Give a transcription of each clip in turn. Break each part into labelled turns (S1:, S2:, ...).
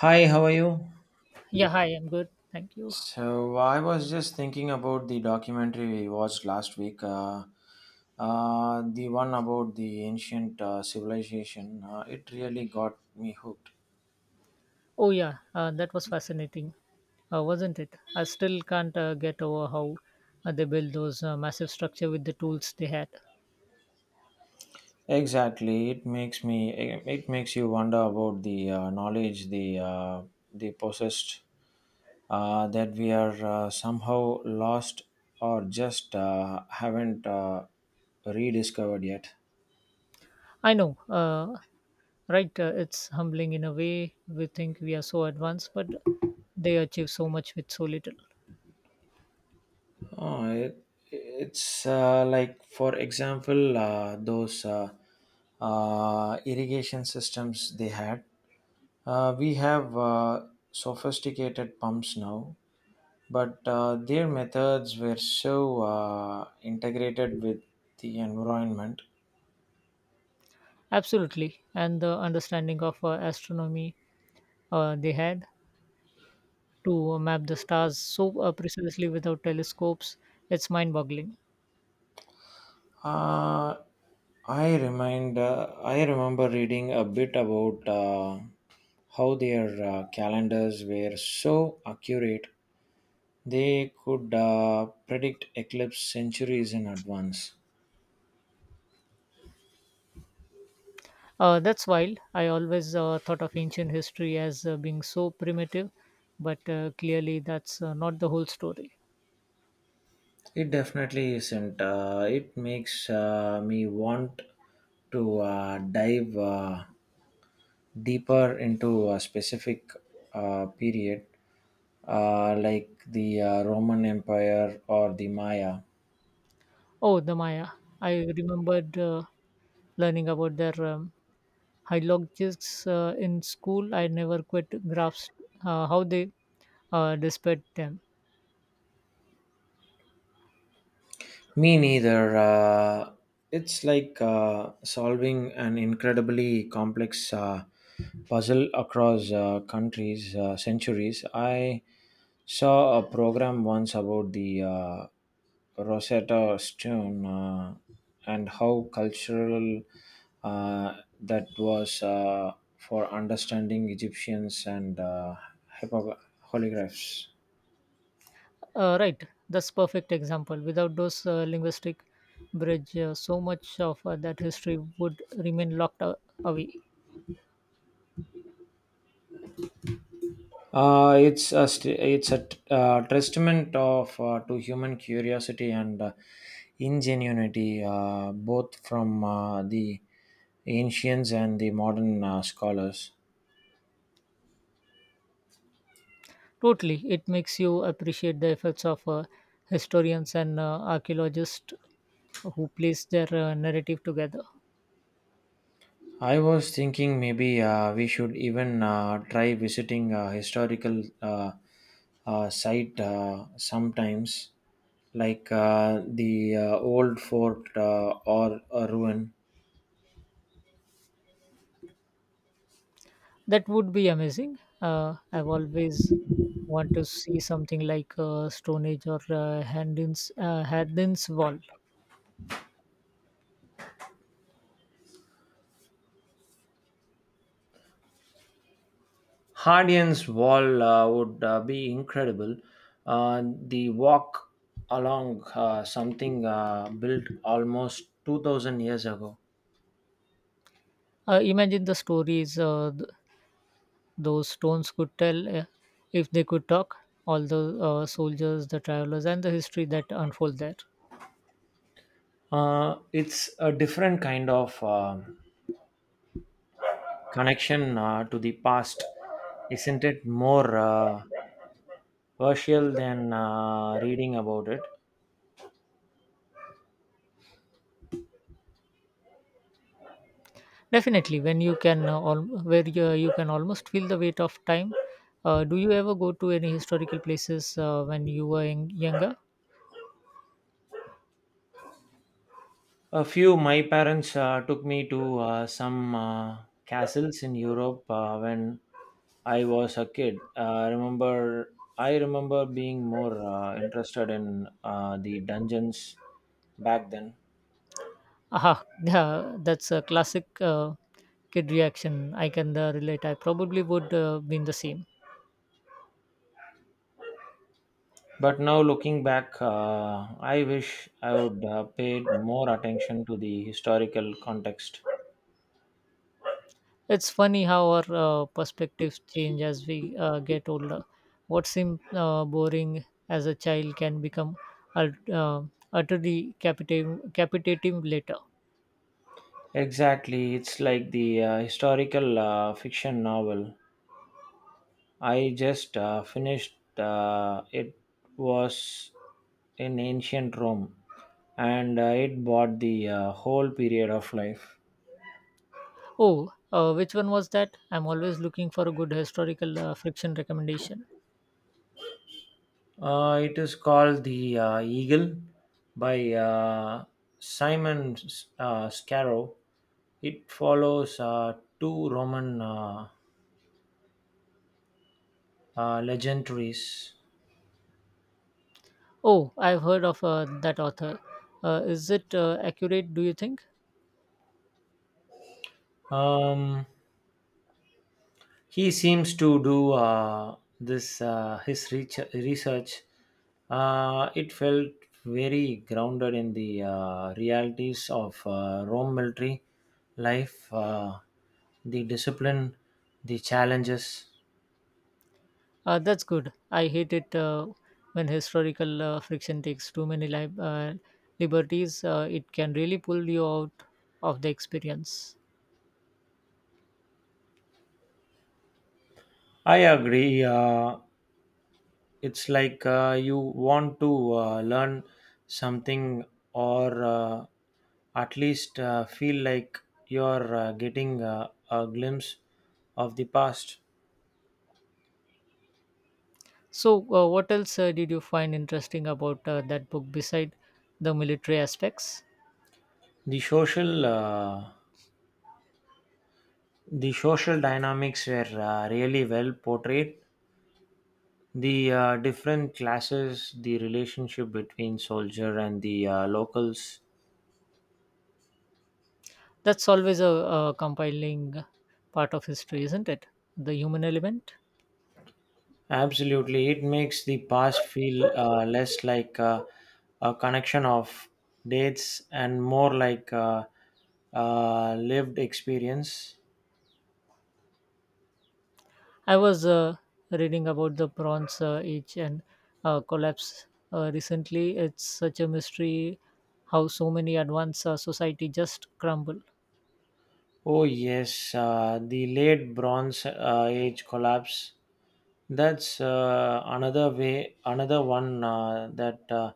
S1: Hi, how are you?
S2: Yeah, hi, I'm good. Thank you.
S1: So I was just thinking about the documentary we watched last week, the one about the ancient civilization. It really got me hooked.
S2: Oh, yeah, that was fascinating, wasn't it? I still can't get over how they built those massive structure with the tools they had.
S1: Exactly, it makes me. It makes you wonder about the knowledge they possessed that we are somehow lost or just haven't rediscovered yet.
S2: I know, right? It's humbling in a way. We think we are so advanced, but they achieve so much with so little.
S1: Oh, it, it's like, for example, those irrigation systems they had. We have sophisticated pumps now, but their methods were so integrated with the environment.
S2: Absolutely. And the understanding of astronomy they had to map the stars so precisely without telescopes, it's mind boggling.
S1: Uh, I remember reading a bit about how their calendars were so accurate. They could predict eclipse centuries in advance.
S2: That's wild. I always thought of ancient history as being so primitive, but clearly that's not the whole story.
S1: It definitely isn't. It makes me want to dive deeper into a specific period, like the Roman Empire or the Maya.
S2: Oh, the Maya. I remembered learning about their hieroglyphics in school. I never quite grasped how they displayed them.
S1: Me neither. It's like solving an incredibly complex puzzle across countries, centuries. I saw a program once about the Rosetta Stone and how cultural uh, that was for understanding Egyptians and hypo- holographs.
S2: Right, that's perfect example. Without those linguistic bridge, so much of that history would remain locked away.
S1: It's a testament of to human curiosity and ingenuity, both from the ancients and the modern scholars.
S2: Totally. It makes you appreciate the efforts of historians and archaeologists who place their narrative together.
S1: I was thinking maybe we should even try visiting a historical site sometimes, like the old fort or a ruin.
S2: That would be amazing. I've always want to see something like Stone Age or Hadrian's Wall.
S1: Hadrian's Wall would be incredible. The walk along something built almost 2000 years ago.
S2: Imagine the stories those stones could tell if they could talk, all the soldiers, the travelers, and the history that unfold there.
S1: It's a different kind of connection to the past, isn't it? More virtual than reading about it.
S2: Definitely, when you can where you can almost feel the weight of time. Do you ever go to any historical places when you were younger?
S1: A few my parents took me to some castles in Europe when I was a kid. I remember being more interested in the dungeons back then.
S2: Aha, yeah, that's a classic kid reaction. I can relate. I probably would been the same.
S1: But now looking back, I wish I would paid more attention to the historical context.
S2: It's funny how our perspectives change as we get older. What seemed boring as a child can become ut- uh, utterly captivating later.
S1: Exactly, it's like the historical fiction novel. I just finished it was in ancient Rome, and it bought the whole period of life.
S2: Oh, which one was that? I'm always looking for a good historical fiction recommendation.
S1: It is called The Eagle by Simon Scarrow. It follows two Roman legendaries.
S2: Oh, I've heard of that author. Is it accurate, do you think?
S1: Um, he seems to do this his research. It felt very grounded in the realities of Rome military life, the discipline, the challenges.
S2: That's good. I hate it when historical fiction takes too many liberties. It can really pull you out of the experience.
S1: I agree. It's like you want to learn something or at least feel like you're getting a glimpse of the past.
S2: So, what else did you find interesting about that book beside the military aspects?
S1: The social uh, the social dynamics were really well portrayed. The different classes, the relationship between soldier and the locals.
S2: That's always a, compiling part of history, isn't it? The human element.
S1: Absolutely, it makes the past feel less like a connection of dates and more like a, lived experience.
S2: I was reading about the Bronze Age and collapse recently. It's such a mystery how so many advanced society just crumble.
S1: Oh yes, the late Bronze Age collapse. That's another one that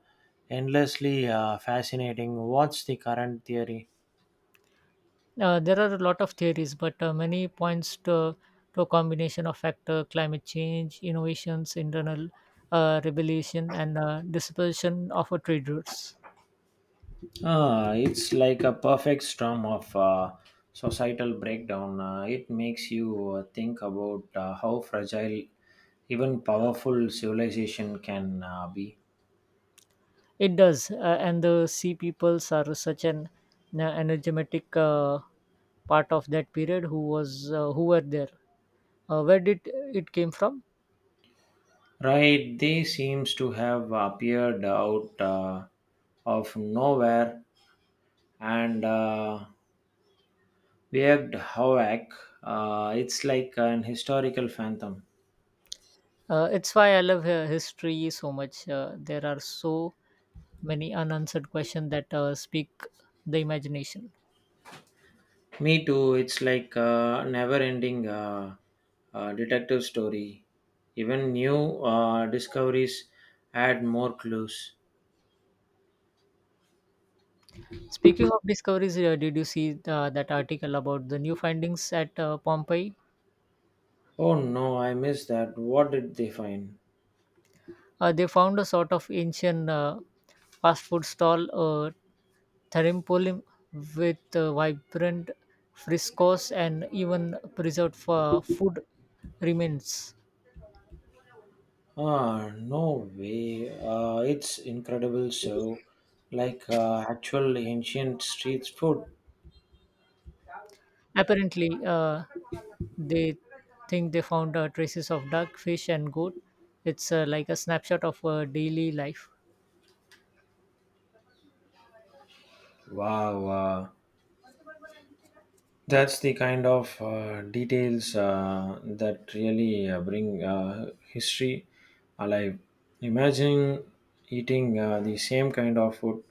S1: endlessly fascinating. What's the current theory?
S2: There are a lot of theories, but many to a combination of factor, climate change, innovations, internal rebellion, and dispersion of trade routes.
S1: Ah, it's like a perfect storm of societal breakdown. It makes you think about how fragile even powerful civilization can be.
S2: It does, and the sea peoples are such an energetic part of that period. Who were there? Where did it came from?
S1: Right, they seems to have appeared out of nowhere and weird havoc. It's like an historical phantom.
S2: It's why I love history so much. There are so many unanswered questions that speak the imagination.
S1: Me too. It's like a never-ending detective story. Even new discoveries add more clues.
S2: Speaking of discoveries, did you see that article about the new findings at Pompeii?
S1: Oh no, I missed that. What did they find?
S2: They found a sort of ancient fast food stall, Thermopylae, with vibrant frescoes and even preserved for food remains.
S1: Ah, no way. It's incredible. So, like actual ancient street food.
S2: Apparently, they think they found traces of duck, fish, and goat. It's like a snapshot of daily life.
S1: Wow. Wow. That's the kind of details that really bring history alive. Imagine eating the same kind of food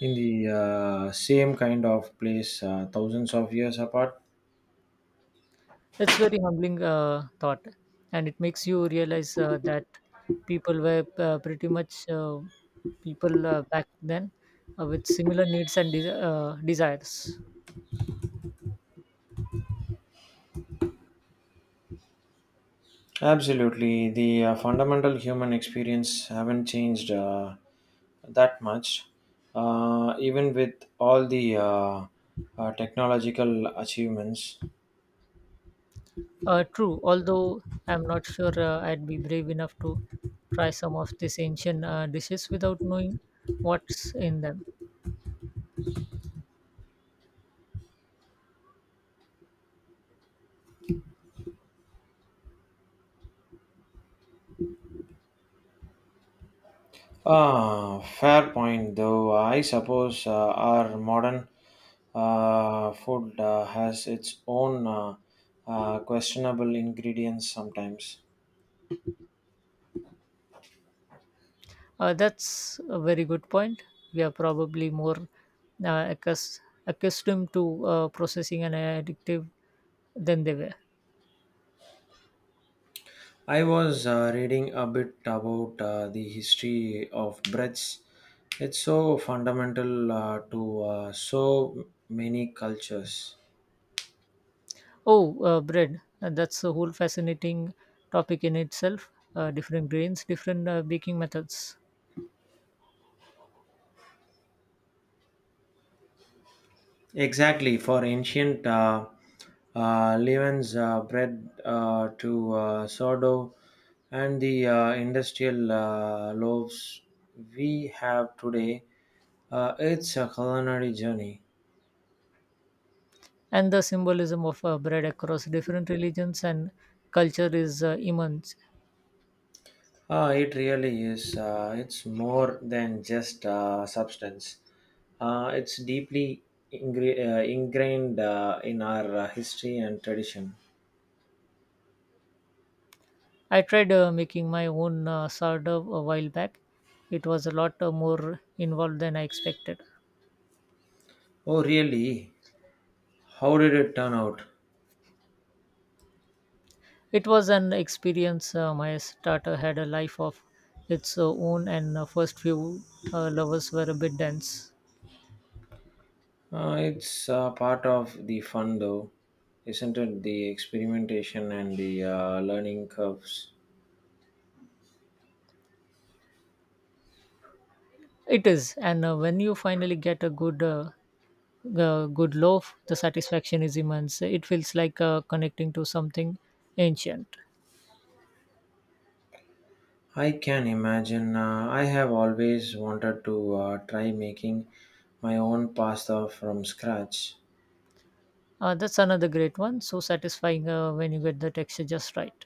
S1: in the same kind of place thousands of years apart.
S2: It's very humbling thought, and it makes you realize that people were pretty much people back then with similar needs and desires.
S1: Absolutely, the fundamental human experience haven't changed that much, even with all the technological achievements.
S2: True, although I'm not sure I'd be brave enough to try some of these ancient dishes without knowing what's in them.
S1: Ah, fair point, though. I suppose our modern food has its own questionable ingredients sometimes.
S2: That's a very good point. We are probably more accustomed to processing and addictive than they were.
S1: I was reading a bit about the history of breads. It's so fundamental to so many cultures.
S2: Oh, bread. That's a whole fascinating topic in itself. Different grains, different baking methods.
S1: Exactly, for ancient Levans bread to sourdough and the industrial loaves we have today, it's a culinary journey.
S2: And the symbolism of bread across different religions and culture is immense.
S1: It really is. It's more than just substance. It's deeply ingrained in our history and tradition.
S2: I tried making my own sourdough a while back. It was a lot more involved than I expected.
S1: Oh, really? How did it turn out?
S2: It was an experience. My starter had a life of its own, and first few lovers were a bit dense.
S1: It's part of the fun, though, isn't it? The experimentation and the learning curves.
S2: It is, and when you finally get a good loaf, the satisfaction is immense. It feels like connecting to something ancient.
S1: I can imagine. I have always wanted to try making my own pasta from scratch.
S2: That's another great one. So satisfying when you get the texture just right.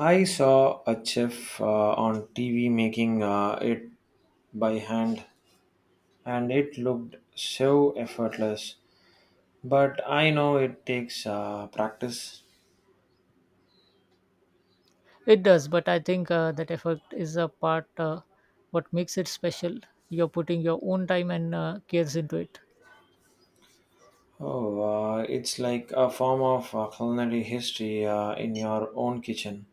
S1: I saw a chef on TV making it by hand, and it looked so effortless. But I know it takes practice.
S2: It does, but I think that effort is a part what makes it special. You're putting your own time and cares into it.
S1: Oh, it's like a form of culinary history in your own kitchen.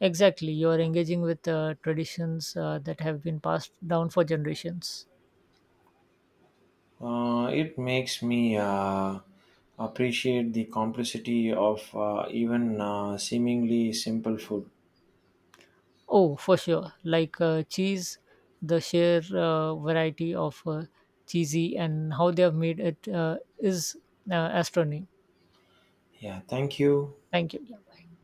S2: Exactly, you are engaging with traditions that have been passed down for generations.
S1: It makes me appreciate the complexity of even seemingly simple food.
S2: Oh, for sure. Like cheese, the sheer variety of cheesy and how they have made it is astronomy.
S1: Yeah, thank you.
S2: Thank you.